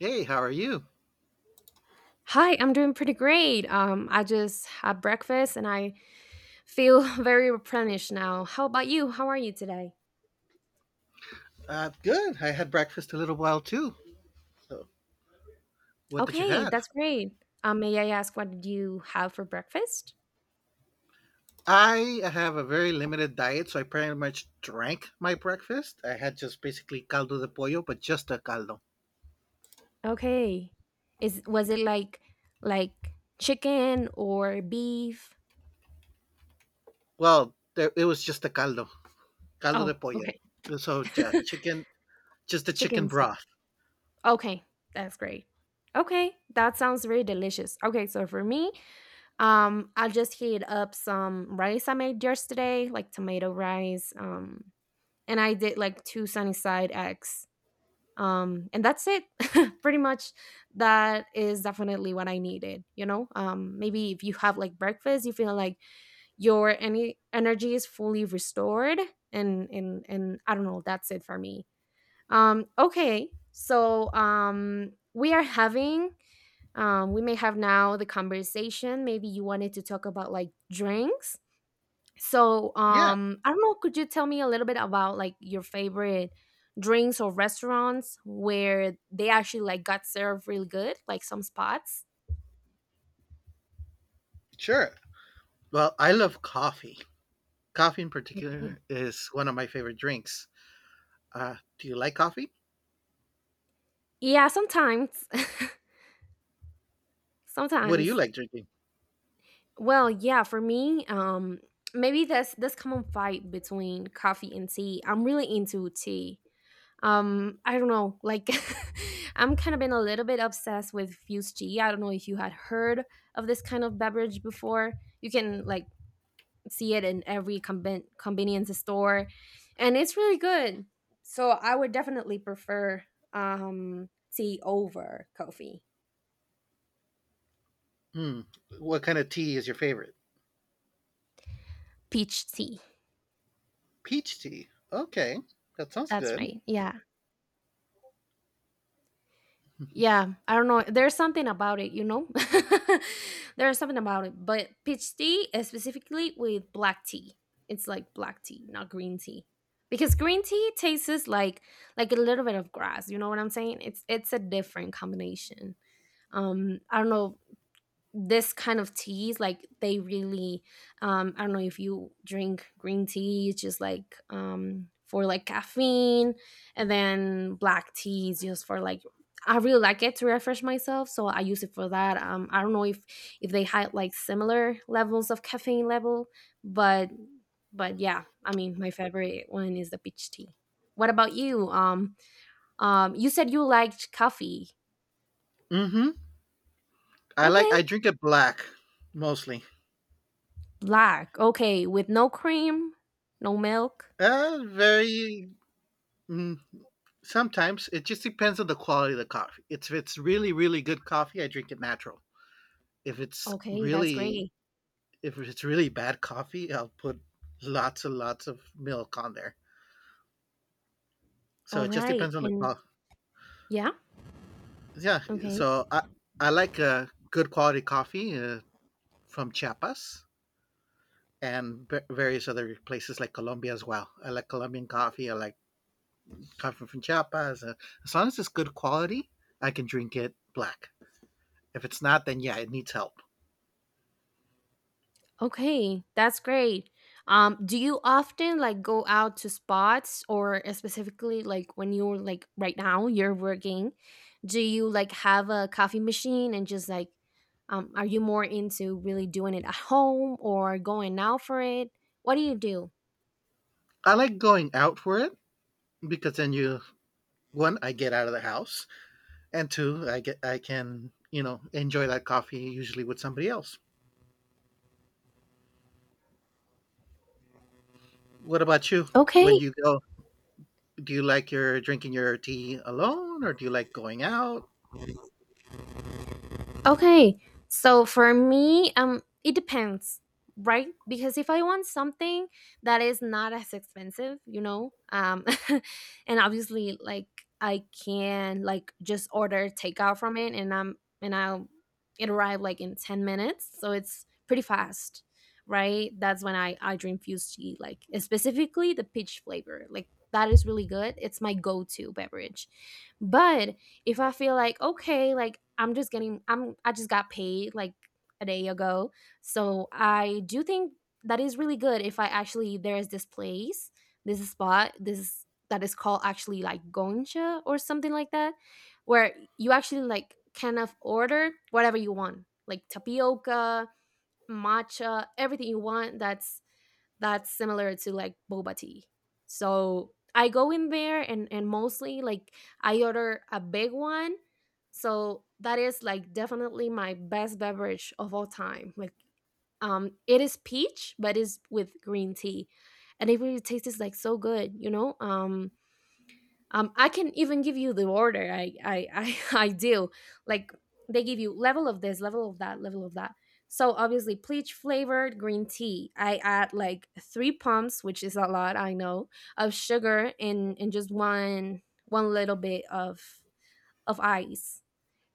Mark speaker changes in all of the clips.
Speaker 1: Hey, how are you?
Speaker 2: Hi, I'm doing pretty great. I just had breakfast and I feel very replenished now. How about you? How are you today?
Speaker 1: Good. I had breakfast a little while too. So, what did you
Speaker 2: Okay,
Speaker 1: have?
Speaker 2: that's great. May I ask what did you have for breakfast?
Speaker 1: I have a very limited diet, so I pretty much drank my breakfast. I had just basically caldo de pollo, but just a caldo.
Speaker 2: Okay. Is was it like like chicken or beef?
Speaker 1: Well, there, it was just a caldo, caldo
Speaker 2: Oh,
Speaker 1: de pollo.
Speaker 2: okay.
Speaker 1: So yeah, chicken, just the chicken
Speaker 2: Chicken soup.
Speaker 1: broth.
Speaker 2: Okay, that's great. Okay, that sounds very delicious. Okay, so for me, I just heat up some rice I made yesterday, like tomato rice. And I did like two Sunnyside X. And that's it. Pretty much, that is definitely what I needed. You know, maybe if you have like breakfast, you feel like your any energy is fully restored, and I don't know. That's it for me. Okay, so we are having we may have now the conversation. Maybe you wanted to talk about like drinks so,
Speaker 1: Yeah,
Speaker 2: I don't know, could you tell me a little bit about like your favorite drinks or restaurants where they actually like got served really good, like some spots?
Speaker 1: sure. Well, I love coffee. Coffee in
Speaker 2: Okay.
Speaker 1: particular is one of my favorite drinks. Do you like coffee?
Speaker 2: Yeah, sometimes.
Speaker 1: What do you
Speaker 2: Sometimes.
Speaker 1: like drinking?
Speaker 2: Well, yeah, for me, maybe that's this common fight between coffee and tea. I'm really into tea. I don't know, like I'm kind of been a little bit obsessed with fused tea. I don't know if you had heard of this kind of beverage before. You can like see it in every convenience store, and it's really good. So I would definitely prefer um, tea over coffee.
Speaker 1: Hmm. What kind of tea is your favorite?
Speaker 2: Peach tea.
Speaker 1: Peach tea. Okay, that sounds
Speaker 2: That's
Speaker 1: good.
Speaker 2: right. Yeah. Yeah. I don't know. There's something about it, you know? There's something about it. But peach tea, specifically with black tea, it's like black tea, not green tea. Because green tea tastes like a little bit of grass, you know what I'm saying? It's a different combination. I don't know, this kind of teas like they really, I don't know if you drink green tea, it's just like for like caffeine, and then black tea is just for like, I really like it to refresh myself, so I use it for that. I don't know if they had like similar levels of caffeine level, but but yeah, I mean my favorite one is the peach tea. What about you? You said you liked coffee.
Speaker 1: Mm-hmm. I like.
Speaker 2: Okay.
Speaker 1: I drink it black, mostly.
Speaker 2: Black. Okay, with no cream, no milk.
Speaker 1: Very. Mm, Sometimes it just depends on the quality of the coffee. It's if it's really really good coffee, I drink it natural. If it's
Speaker 2: Okay, that's
Speaker 1: really
Speaker 2: great.
Speaker 1: if it's really bad coffee, I'll put lots and lots of milk on there. So
Speaker 2: All
Speaker 1: it just
Speaker 2: right.
Speaker 1: depends on the
Speaker 2: And
Speaker 1: quality.
Speaker 2: yeah,
Speaker 1: Yeah.
Speaker 2: okay.
Speaker 1: So I like good quality coffee from Chiapas, and various other places like Colombia as well. I like Colombian coffee. I like coffee from Chiapas. As long as it's good quality, I can drink it black. If it's not, then yeah, it needs help.
Speaker 2: Okay, that's great. Do you often like go out to spots or specifically like when you're like right now you're working, do you like have a coffee machine and just like, are you more into really doing it at home or going out for it? What do you do?
Speaker 1: I like going out for it because then, you one, I get out of the house, and two, I can enjoy that coffee usually with somebody else. What about you? When
Speaker 2: Okay.
Speaker 1: you go, do you like your drinking your tea alone, or do you like going out?
Speaker 2: Okay, so for me, it depends, right? Because if I want something that is not as expensive, you know, and obviously, like I can like just order takeout from it, and I'll it arrive like in 10 minutes, so it's pretty fast, right? That's when I drink fused tea, like specifically the peach flavor, like that is really good. It's my go to beverage, but if I feel like okay, like I just got paid like a day ago. So I do think that is really good if I actually, there is this place, this spot, this that is called actually like Goncha or something like that, where you actually like kind of order whatever you want, like tapioca, matcha, everything you want that's similar to like boba tea. So I go in there and mostly like I order a big one. So that is like definitely my best beverage of all time. Like it is peach, but it's with green tea. And it really tastes like so good, you know? I can even give you the order. I I do like, they give you level of this, level of that, level of that. So obviously peach flavored green tea, I add like three pumps, which is a lot I know, of sugar, and just one little bit of ice,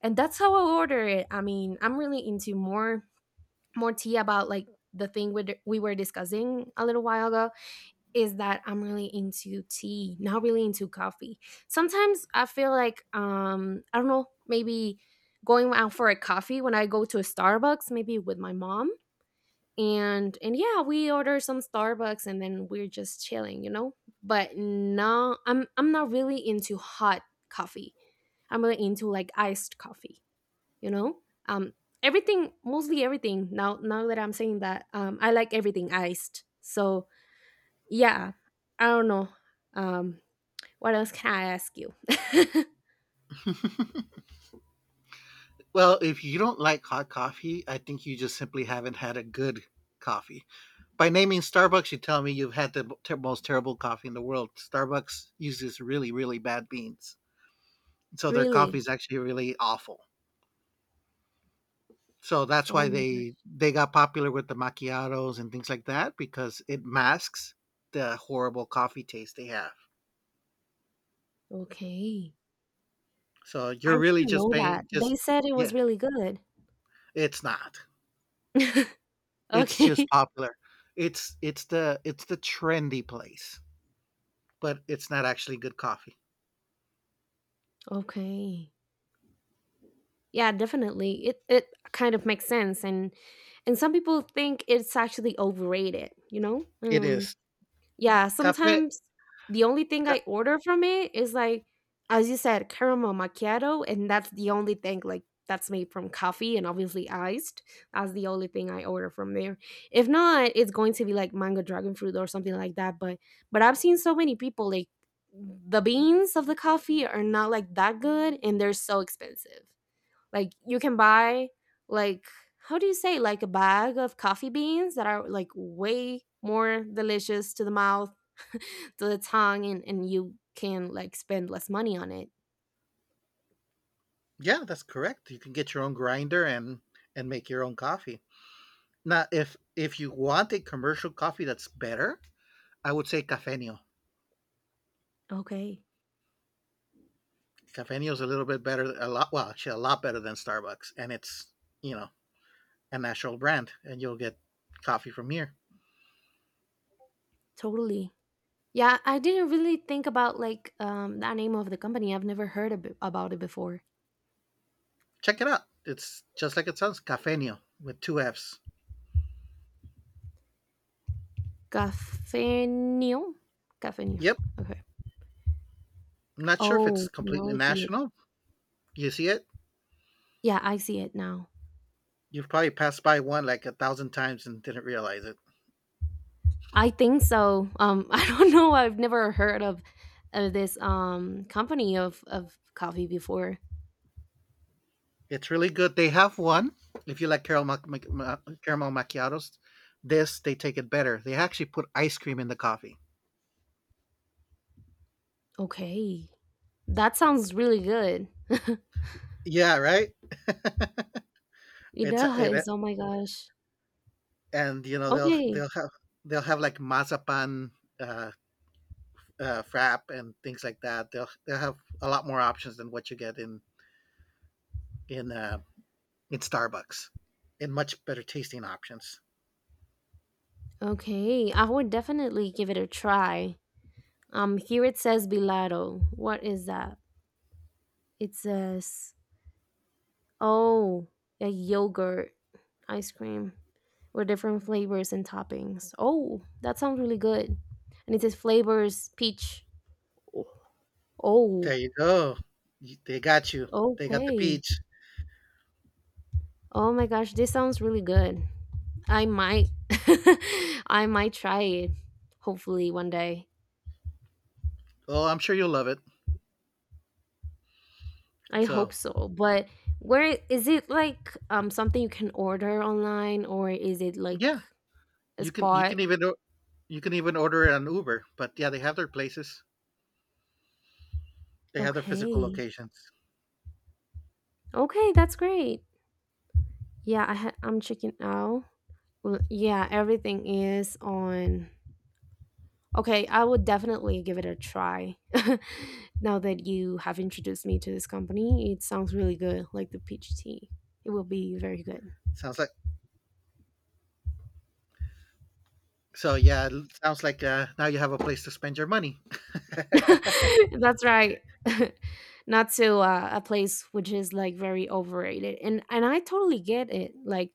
Speaker 2: and that's how I order it. I mean I'm really into more tea. About like the thing we were discussing a little while ago, is that I'm really into tea, not really into coffee. Sometimes I feel like, I don't know, maybe going out for a coffee when I go to a Starbucks, maybe with my mom. And yeah, we order some Starbucks and then we're just chilling, you know? But no, I'm not really into hot coffee. I'm really into like iced coffee, you know? Um Everything, mostly everything, now that I'm saying that, I like everything iced. So yeah, I don't know. Um, what else can I ask you?
Speaker 1: Well, if you don't like hot coffee, I think you just simply haven't had a good coffee. By naming Starbucks, you tell me you've had the most terrible coffee in the world. Starbucks uses really, really bad beans, so their coffee
Speaker 2: Really?
Speaker 1: is actually really awful. So that's
Speaker 2: Oh
Speaker 1: why
Speaker 2: my
Speaker 1: they
Speaker 2: gosh.
Speaker 1: they got popular with the macchiatos and things like that because it masks the horrible coffee taste they have.
Speaker 2: Okay.
Speaker 1: So you're
Speaker 2: I
Speaker 1: really
Speaker 2: didn't
Speaker 1: just
Speaker 2: know
Speaker 1: paying,
Speaker 2: that. They
Speaker 1: just,
Speaker 2: said it was
Speaker 1: yeah,
Speaker 2: really good.
Speaker 1: it's not. It's just
Speaker 2: Okay.
Speaker 1: popular. It's the trendy place. But it's not actually good coffee.
Speaker 2: Okay. Yeah, definitely. It kind of makes sense, and some people think it's actually overrated, you know?
Speaker 1: It is.
Speaker 2: Yeah,
Speaker 1: Cafe
Speaker 2: sometimes the only thing
Speaker 1: ca
Speaker 2: I order from it is, like, as you said, caramel macchiato, and that's the only thing, like, that's made from coffee and obviously iced. That's the only thing I order from there. If not, it's going to be like mango dragon fruit or something like that, but I've seen so many people, like, the beans of the coffee are not, like, that good, and they're so expensive. Like you can buy like how do you say, like a bag of coffee beans that are like way more delicious to the mouth, to the tongue, and you can like spend less money on it.
Speaker 1: yeah, that's correct. You can get your own grinder and make your own coffee. Now if you want a commercial coffee that's better, I would say Cafenio.
Speaker 2: Okay,
Speaker 1: Cafenio is a little bit better, a lot, well, actually a lot better than Starbucks, and it's, you know, a national brand, and you'll get coffee from here.
Speaker 2: totally. Yeah, I didn't really think about like that name of the company. I've never heard about it before.
Speaker 1: Check it out. It's just like it sounds, Cafenio with 2 Fs.
Speaker 2: Cafenio? Cafenio.
Speaker 1: Yep.
Speaker 2: Okay.
Speaker 1: I'm not sure if it's
Speaker 2: Oh, now
Speaker 1: completely
Speaker 2: I see it.
Speaker 1: national. You see it?
Speaker 2: Yeah, I see it now.
Speaker 1: You've probably passed by one like a thousand times and didn't realize it.
Speaker 2: I think so. I don't know. I've never heard of this company of coffee before.
Speaker 1: It's really good. They have one. If you like caramel, caramel macchiatos, this, they take it better. They actually put ice cream in the coffee.
Speaker 2: Okay, that sounds really good.
Speaker 1: Yeah, right.
Speaker 2: It
Speaker 1: it's it,
Speaker 2: does. Oh my gosh.
Speaker 1: and you know they'll
Speaker 2: Okay.
Speaker 1: they'll have they'll have like mazapan, uh, frap and things like that. They'll have a lot more options than what you get in uh, in Starbucks, and much better tasting options.
Speaker 2: Okay. I would definitely give it a try. Here it says Bilado. What is that? It says, oh, a yogurt ice cream with different flavors and toppings. Oh, that sounds really good. And it says flavors peach.
Speaker 1: There
Speaker 2: Oh,
Speaker 1: you go. They got you. They got the
Speaker 2: okay.
Speaker 1: peach.
Speaker 2: Oh my gosh, this sounds really good. I might I might try it hopefully one day.
Speaker 1: Well, I'm sure you'll love it.
Speaker 2: I
Speaker 1: So
Speaker 2: hope so. But where is it, like something you can order online or is it like
Speaker 1: yeah,
Speaker 2: a
Speaker 1: you can you
Speaker 2: spot?
Speaker 1: can even o- you can even order it on Uber. But yeah, they have their places. They have their physical
Speaker 2: Okay.
Speaker 1: locations.
Speaker 2: Okay, that's great. Yeah, I ha- I'm checking out. Well, yeah, everything is on. Okay, I would definitely give it a try. Now that you have introduced me to this company, it sounds really good, like the peach tea. It will be very good.
Speaker 1: Sounds like so. Yeah, it sounds like, now you have a place to spend your money.
Speaker 2: That's right. Not to a place which is like very overrated. And I totally get it. Like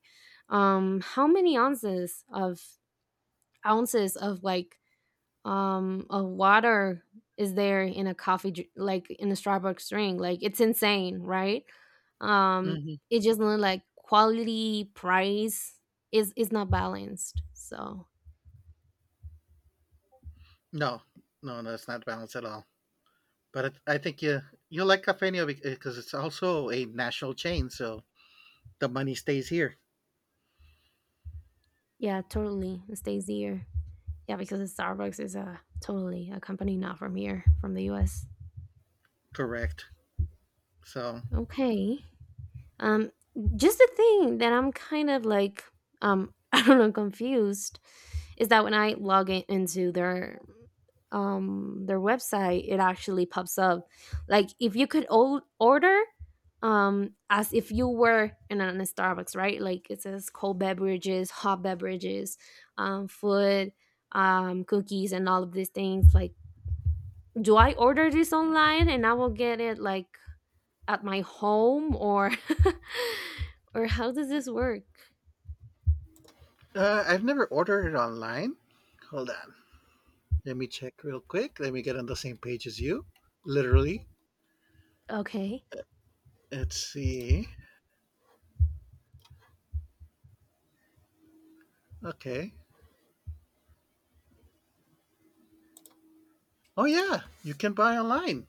Speaker 2: how many ounces of like of water is there in a coffee dr- like in a Starbucks drink, like it's insane, right? um
Speaker 1: Hmm.
Speaker 2: it just look like quality price is not balanced. So
Speaker 1: No, no, no, it's not balanced at all. But I think you like Cafenio because it's also a national chain, so the money stays here.
Speaker 2: yeah, totally, it stays here. Yeah, because Starbucks is a totally a company not from here, from the US.
Speaker 1: Correct. So
Speaker 2: Okay. Um, just the thing that I'm kind of like, I don't know, confused, is that when I log in into their website, it actually pops up like if you could order as if you were in a Starbucks, right? Like it says cold beverages, hot beverages, food, cookies, and all of these things. Like, do I order this online and I will get it like at my home or or how does this work?
Speaker 1: I've never ordered it online. Hold on. Let me check real quick. Let me get on the same page as you. Literally.
Speaker 2: Okay.
Speaker 1: Let's see. Okay. Oh yeah, you can buy online.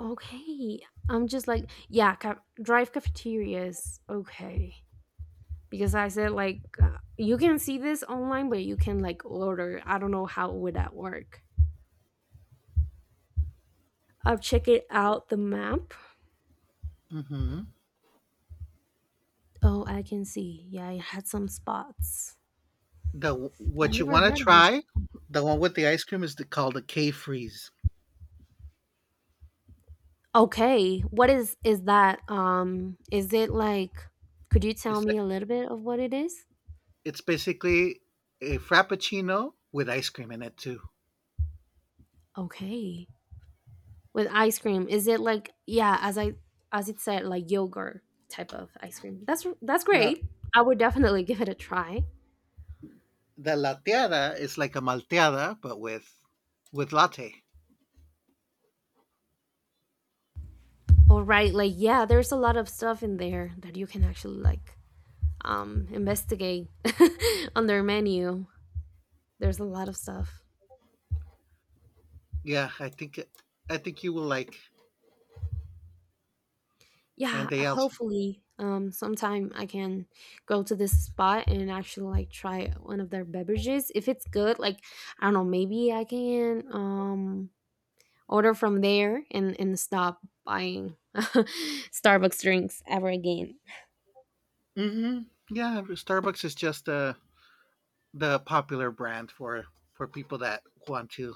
Speaker 2: Okay. I'm just like, yeah, ca- drive cafeterias. Okay. Because I said like you can see this online but you can like order. I don't know how would that work. I'll check it out the map.
Speaker 1: Hmm.
Speaker 2: Oh, I can see. Yeah, it had some spots.
Speaker 1: The
Speaker 2: I
Speaker 1: What you
Speaker 2: never
Speaker 1: want to
Speaker 2: heard of this.
Speaker 1: try, the one with the ice cream is called the K Freeze.
Speaker 2: Okay, what is that? Is it like? Could you tell
Speaker 1: It's
Speaker 2: me
Speaker 1: like
Speaker 2: a little bit of what it is?
Speaker 1: it's basically a frappuccino with ice cream in it too.
Speaker 2: Okay, with ice cream, is it like, yeah, as I as it said, like yogurt type of ice cream? That's
Speaker 1: No,
Speaker 2: great. I would definitely give it a try.
Speaker 1: the lateada is like a malteada but with latte.
Speaker 2: All right, like yeah, there's a lot of stuff in there that you can actually, like, investigate on their menu. There's a lot of stuff.
Speaker 1: Yeah, I think you will like. And
Speaker 2: Yeah,
Speaker 1: they also.
Speaker 2: hopefully sometime I can go to this spot and actually, like, try one of their beverages. If it's good, like, I don't know, maybe I can, order from there and stop buying Starbucks drinks ever again.
Speaker 1: hmm Yeah, Starbucks is just a the popular brand for people that want to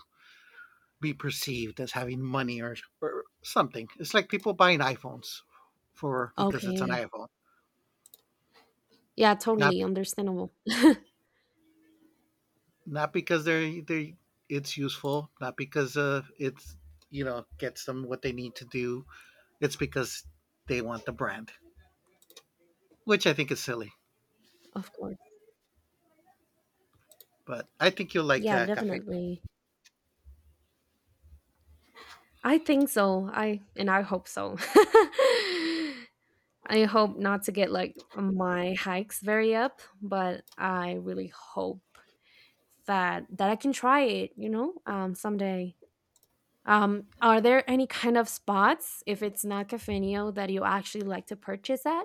Speaker 1: be perceived as having money, or something. It's like people buying iPhones, for because it's an
Speaker 2: Okay,
Speaker 1: iPhone,
Speaker 2: yeah,
Speaker 1: not
Speaker 2: totally
Speaker 1: be-
Speaker 2: understandable.
Speaker 1: not because they it's useful, not because it's, gets them what they need to do. It's because they want the brand, which I think is silly.
Speaker 2: Of course.
Speaker 1: But I think you'll like,
Speaker 2: Yeah,
Speaker 1: Cafe.
Speaker 2: definitely. I think so. I hope so. I hope not to get like my hikes very up, but I really hope that I can try it, you know, someday. Are there any kind of spots, if it's not Cafenio, that you actually like to purchase at?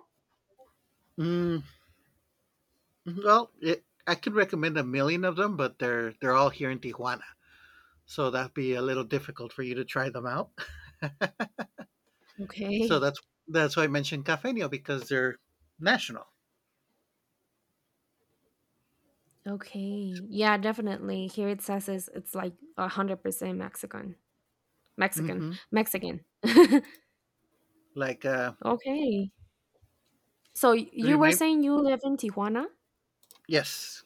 Speaker 1: Mm, well, I could recommend a million of them, but they're all here in Tijuana. So that'd be a little difficult for you to try them out. So
Speaker 2: Okay.
Speaker 1: that's why I mentioned Cafeño because they're national.
Speaker 2: Okay. Yeah, definitely. Here it says it's like 100% Mexican. Mexican.
Speaker 1: hmm
Speaker 2: Mexican.
Speaker 1: Like,
Speaker 2: Okay. So you were
Speaker 1: remind,
Speaker 2: saying you live in Tijuana?
Speaker 1: yes,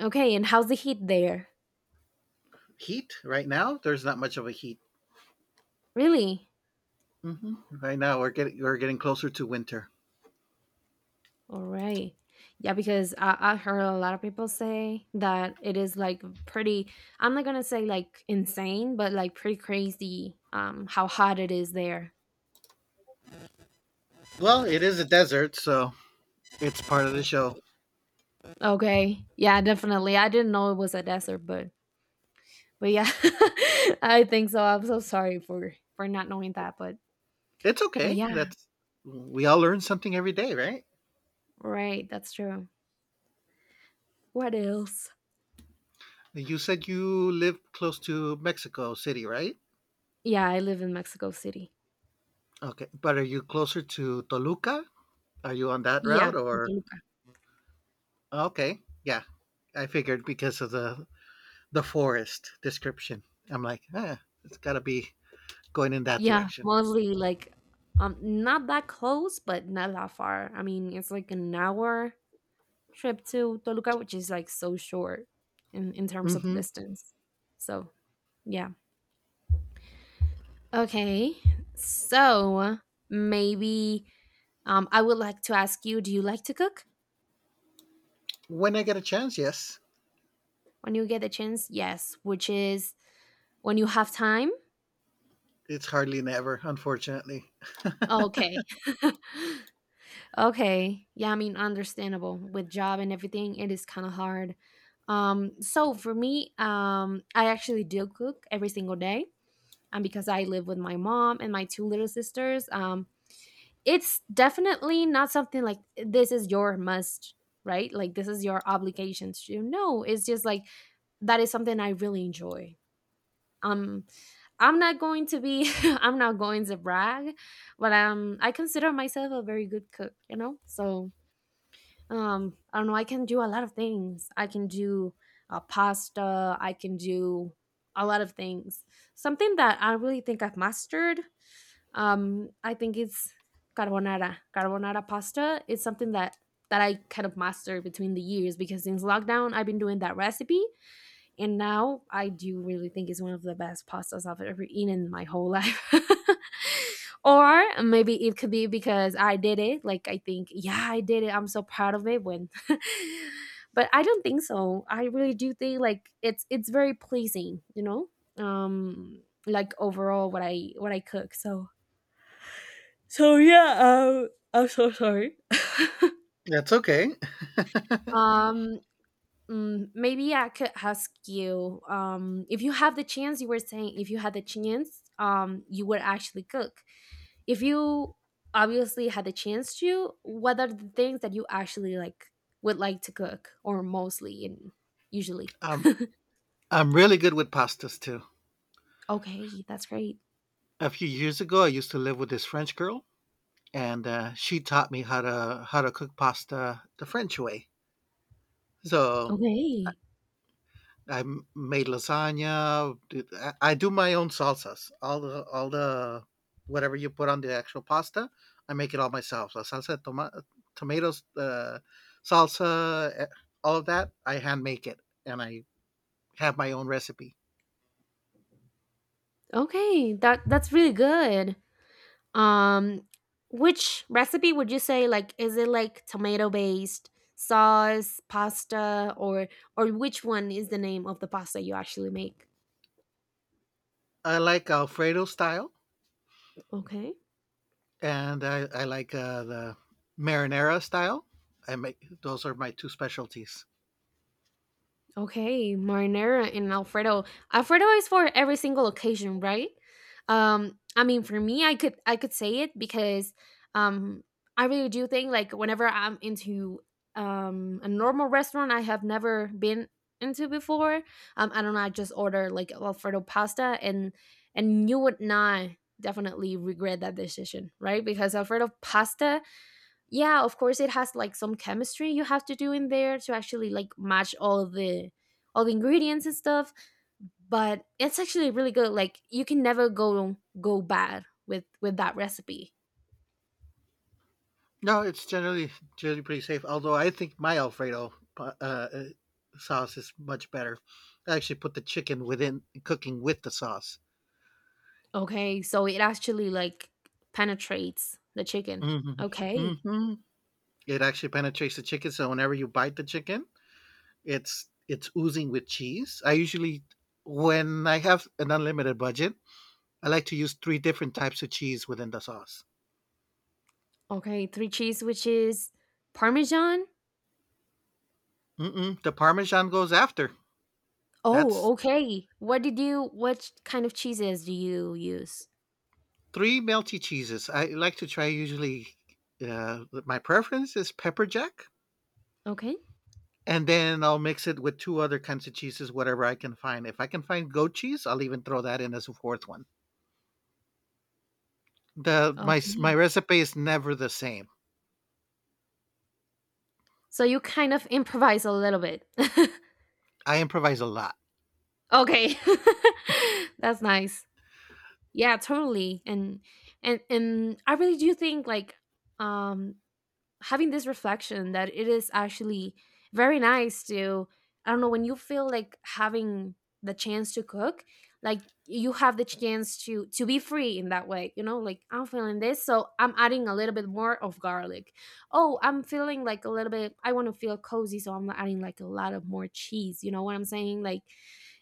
Speaker 2: Okay, and how's the heat there?
Speaker 1: heat right now. There's not much of a heat.
Speaker 2: Really?
Speaker 1: Right now we're getting closer to winter.
Speaker 2: All right. Yeah, because I heard a lot of people say that it is like pretty, I'm not gonna say like insane, but like pretty crazy how hot it is there.
Speaker 1: Well, it is a desert, so it's part of the show.
Speaker 2: Okay. Yeah, definitely. I didn't know it was a desert, but yeah, I think so. I'm so sorry for not knowing that,
Speaker 1: It's
Speaker 2: but
Speaker 1: okay.
Speaker 2: yeah,
Speaker 1: That's We all learn something every day, right?
Speaker 2: right, that's true. What else?
Speaker 1: You said you live close to Mexico City, right?
Speaker 2: Yeah, I live in Mexico City.
Speaker 1: Okay, but are you closer to Toluca? Are you on that route,
Speaker 2: Yeah,
Speaker 1: or?
Speaker 2: Toluca.
Speaker 1: Okay. Yeah. I figured because of the forest description. I'm like, it's got to be going in that
Speaker 2: Yeah,
Speaker 1: direction.
Speaker 2: mostly like not that close, but not that far. I mean, it's like an hour trip to Toluca, which is like so short in terms of
Speaker 1: hmm
Speaker 2: distance. So, yeah. Okay. So, maybe I would like to ask you, do you like to cook
Speaker 1: When I get a chance, yes.
Speaker 2: when you get a chance? Yes, which is when you have time.
Speaker 1: It's hardly never, unfortunately.
Speaker 2: Okay. Okay. Yeah, I mean, understandable. With job and everything, it is kind of hard. So for me, I actually do cook every single day. And because I live with my mom and my two little sisters, it's definitely not something like this is your must, right? Like this is your obligation to do. No, it's just like that is something I really enjoy. Um, I'm not going to be I'm not going to brag, but I consider myself a very good cook, you know? So I don't know, I can do a lot of things. I can do pasta, I can do a lot of things. Something that I really think I've mastered, I think it's carbonara pasta is something that I kind of mastered between the years, because since lockdown I've been doing that recipe, and now I do really think it's one of the best pastas I've ever eaten in my whole life. Or maybe it could be because I did it. Like I think, yeah, I did it. I'm so proud of it when but I don't think so. I really do think like it's very pleasing, you know? Um, like overall what I cook. So yeah, I'm so sorry.
Speaker 1: That's okay.
Speaker 2: Um. Mm, maybe I could ask you, if you have the chance. You were saying if you had the chance, you would actually cook. If you obviously had the chance to, what are the things that you actually like would like to cook, or mostly and usually?
Speaker 1: Um, I'm really good with pastas too.
Speaker 2: Okay, that's great.
Speaker 1: A few years ago, I used to live with this French girl, and she taught me how to cook pasta the French way. So
Speaker 2: Okay,
Speaker 1: made lasagna. I do my own salsas. All the Whatever you put on the actual pasta, I make it all myself. La salsa de tomatoes, salsa, all of that, I hand make it, and I have my own recipe.
Speaker 2: okay, that that's really good. Um, which recipe would you say, like, is it like tomato based sauce, pasta, or which one is the name of the pasta you actually make?
Speaker 1: I like Alfredo style,
Speaker 2: Okay.
Speaker 1: and I like, the marinara style. I make Those are my two specialties.
Speaker 2: Okay, marinara and Alfredo. Alfredo is for every single occasion, right? I mean, for me, I could say it because um, I really do think like whenever I'm into a normal restaurant I have never been into before, I don't know, I just order like Alfredo pasta, and you would not definitely regret that decision, right? Because Alfredo pasta, yeah, of course it has like some chemistry you have to do in there to actually like match all the ingredients and stuff, but it's actually really good. Like you can never go bad with that recipe.
Speaker 1: No, it's generally pretty safe. Although I think my Alfredo sauce is much better. I actually put the chicken within cooking with the sauce.
Speaker 2: Okay, so it actually like penetrates the chicken.
Speaker 1: Hmm.
Speaker 2: Okay.
Speaker 1: Hmm. It actually penetrates the chicken, so whenever you bite the chicken, it's oozing with cheese. I usually, when I have an unlimited budget, I like to use three different types of cheese within the sauce.
Speaker 2: Okay, three cheese, which is parmesan?
Speaker 1: Mm-mm. The Parmesan goes after. That's
Speaker 2: Oh okay, what did you what kind of cheeses do you use?
Speaker 1: Three melty cheeses. I like to try usually. My preference is pepper jack,
Speaker 2: Okay.
Speaker 1: and then I'll mix it with two other kinds of cheeses, whatever I can find. If I can find goat cheese, I'll even throw that in as a fourth one. My
Speaker 2: Okay,
Speaker 1: recipe is never the same.
Speaker 2: so you kind of improvise a little bit.
Speaker 1: I improvise a lot.
Speaker 2: Okay. That's nice. Yeah, totally. And and I really do think like um having this reflection that it is actually very nice to, I don't know, when you feel like having the chance to cook, like you have the chance to be free in that way, you know, like I'm feeling this, so I'm adding a little bit more of garlic. Oh, I'm feeling like a little bit, I want to feel cozy, so I'm adding like a lot of more cheese. You know what I'm saying? Like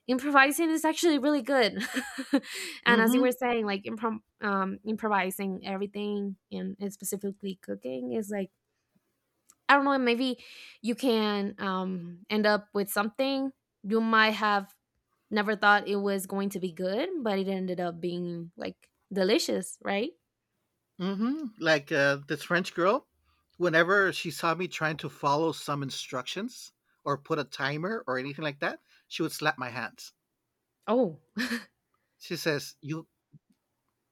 Speaker 2: improvising is actually really good. And as you
Speaker 1: Mm-hmm.
Speaker 2: were saying, like improm improvising everything, and specifically cooking is like, I don't know, maybe you can end up with something you might have never thought it was going to be good, but it ended up being like delicious, right?
Speaker 1: Mm-hmm. Like, this French girl, whenever she saw me trying to follow some instructions or put a timer or anything like that, she would slap my hands.
Speaker 2: Oh,
Speaker 1: She says, "You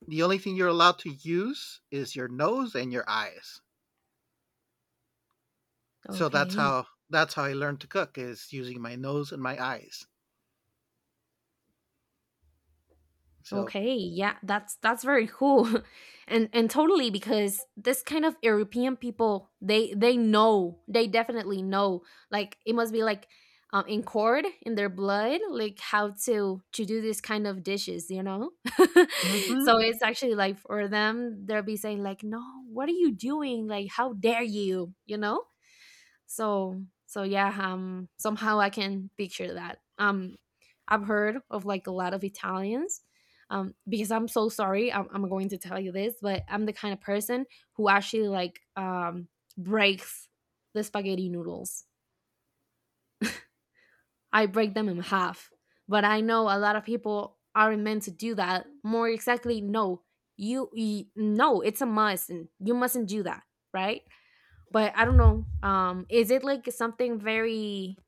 Speaker 1: The only thing you're allowed to use is your nose and your eyes. So that's
Speaker 2: okay.
Speaker 1: how that's how I learned to cook is using my nose and my eyes. So,
Speaker 2: Okay, yeah, that's very cool. And totally, because this kind of European people, they know, they definitely know. Like it must be like in cord in their blood, like how to do this kind of dishes, you know?
Speaker 1: hmm
Speaker 2: So it's actually like for them, they'll be saying like, "No, what are you doing? Like how dare you?" You know? So so yeah, somehow I can picture that. Um, I've heard of like a lot of Italians. Because I'm so sorry, I'm going to tell you this, but I'm the kind of person who actually like breaks the spaghetti noodles. I break them in half. But I know a lot of people aren't meant to do that. More exactly, no. You no, it's a must and you mustn't do that, right? But I don't know. Um, is it like something very,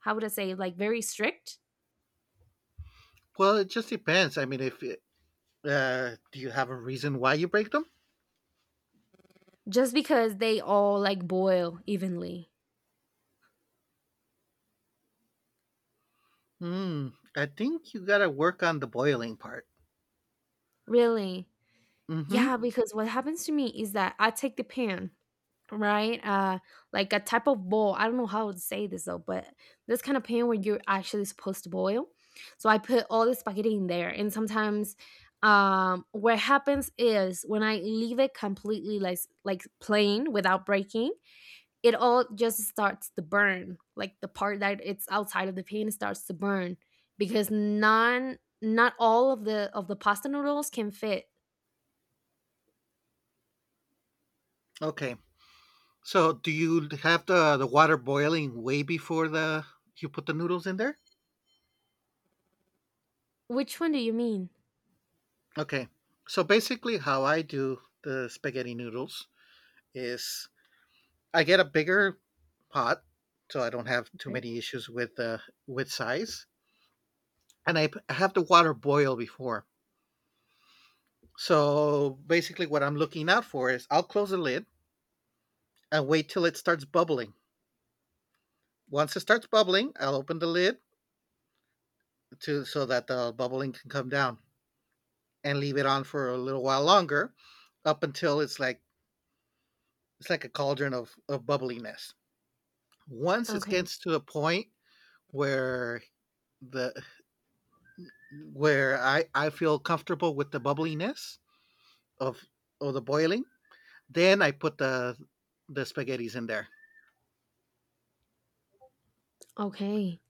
Speaker 2: how would I say, like very strict?
Speaker 1: well, it just depends. I mean, if it, do you have a reason why you break them?
Speaker 2: Just because they all like boil evenly.
Speaker 1: Hmm. I think you gotta work on the boiling part.
Speaker 2: Really? Yeah,
Speaker 1: Mm-hmm.
Speaker 2: because what happens to me is that I take the pan, right? Uh, like a type of bowl. I don't know how to say this though, but this kind of pan where you're actually supposed to boil. So I put all the spaghetti in there, and sometimes what happens is when I leave it completely like plain without breaking it, all just starts to burn, like the part that it's outside of the pan starts to burn, because none not all of the pasta noodles can fit.
Speaker 1: Okay. So do you have the water boiling way before the you put the noodles in there?
Speaker 2: Which one do you mean?
Speaker 1: Okay. So basically, how I do the spaghetti noodles is I get a bigger pot, so I don't have too
Speaker 2: Okay.
Speaker 1: many issues with size. And I have the water boil before. So basically, what I'm looking out for is I'll close the lid and wait till it starts bubbling. Once it starts bubbling, I'll open the lid, to so that the bubbling can come down and leave it on for a little while longer, up until it's like a cauldron of bubbliness. Once it
Speaker 2: Okay.
Speaker 1: gets to a point where the I feel comfortable with the bubbliness of of the boiling. Then I put the spaghettis in there.
Speaker 2: Okay,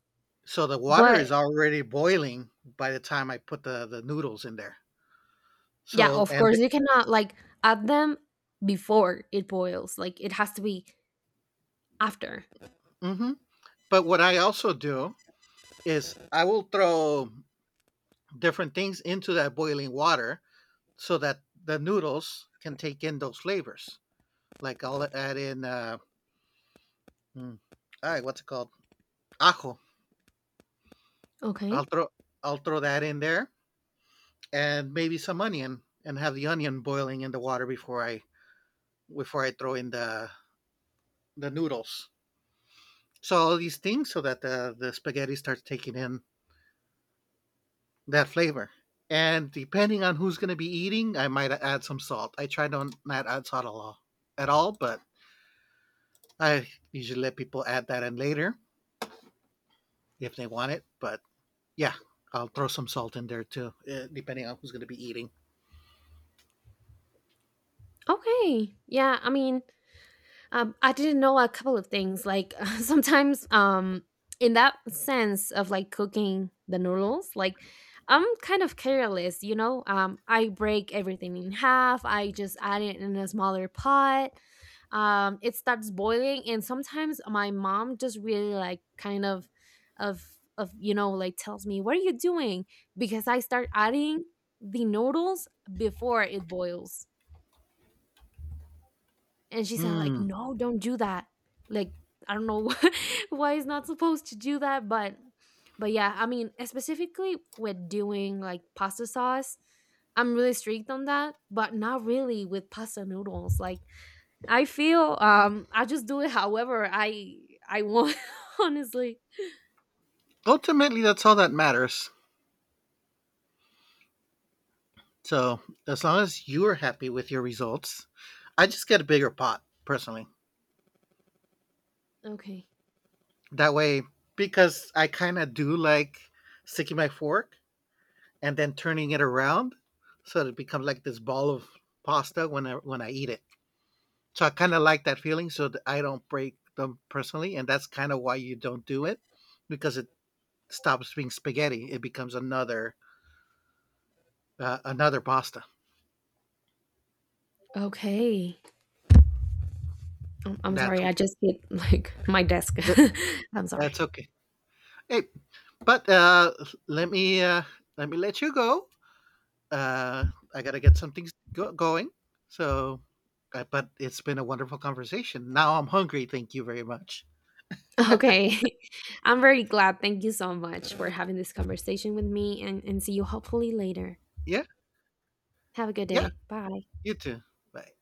Speaker 1: So the water
Speaker 2: but
Speaker 1: is already boiling by the time I put the noodles in there.
Speaker 2: yeah,
Speaker 1: So
Speaker 2: of
Speaker 1: and
Speaker 2: course you cannot like add them before it boils, like it has to be after.
Speaker 1: hmm but what I also do is I will throw different things into that boiling water so that the noodles can take in those flavors. Like I'll add in, mm, what's it called? Ajo.
Speaker 2: Okay.
Speaker 1: I'll throw I'll throw that in there, and maybe some onion, and have the onion boiling in the water before I throw in the noodles. So all these things so that the spaghetti starts taking in that flavor. And depending on who's going to be eating, I might add some salt. I try to not add salt at all, but I usually let people add that in later if they want it. But yeah, I'll throw some salt in there too, depending on who's going to be eating.
Speaker 2: Okay, yeah, I mean, um, I didn't know a couple of things. Like sometimes, in that sense of like cooking the noodles, like I'm kind of careless, you know. I break everything in half. I just add it in a smaller pot. It starts boiling, and sometimes my mom just really like kind of, of of you know, like tells me what are you doing, because I start adding the noodles before it boils, and she said like,
Speaker 1: Hmm.
Speaker 2: no, don't do that. Like I don't know why it's not supposed to do that, but yeah, I mean specifically with doing like pasta sauce, I'm really strict on that, but not really with pasta noodles. Like I feel, I just do it however I want honestly.
Speaker 1: Ultimately, that's all that matters. So as long as you're happy with your results, I just get a bigger pot personally.
Speaker 2: Okay.
Speaker 1: That way, because I kind of do like sticking my fork and then turning it around, so it becomes like this ball of pasta when I eat it. So I kind of like that feeling, so that I don't break them personally, and that's kind of why you don't do it, because it stops being spaghetti. It becomes another pasta.
Speaker 2: Okay, I'm
Speaker 1: That's
Speaker 2: sorry, I just hit like my desk. I'm sorry.
Speaker 1: that's okay. Hey, But let me uh, let me let you go. Uh, I gotta get some things going. So, but it's been a wonderful conversation. Now I'm hungry. Thank you very much.
Speaker 2: Okay. I'm very glad. Thank you so much for having this conversation with me and see you hopefully later.
Speaker 1: Yeah,
Speaker 2: Have a good
Speaker 1: yeah.
Speaker 2: day. Bye.
Speaker 1: You too. Bye.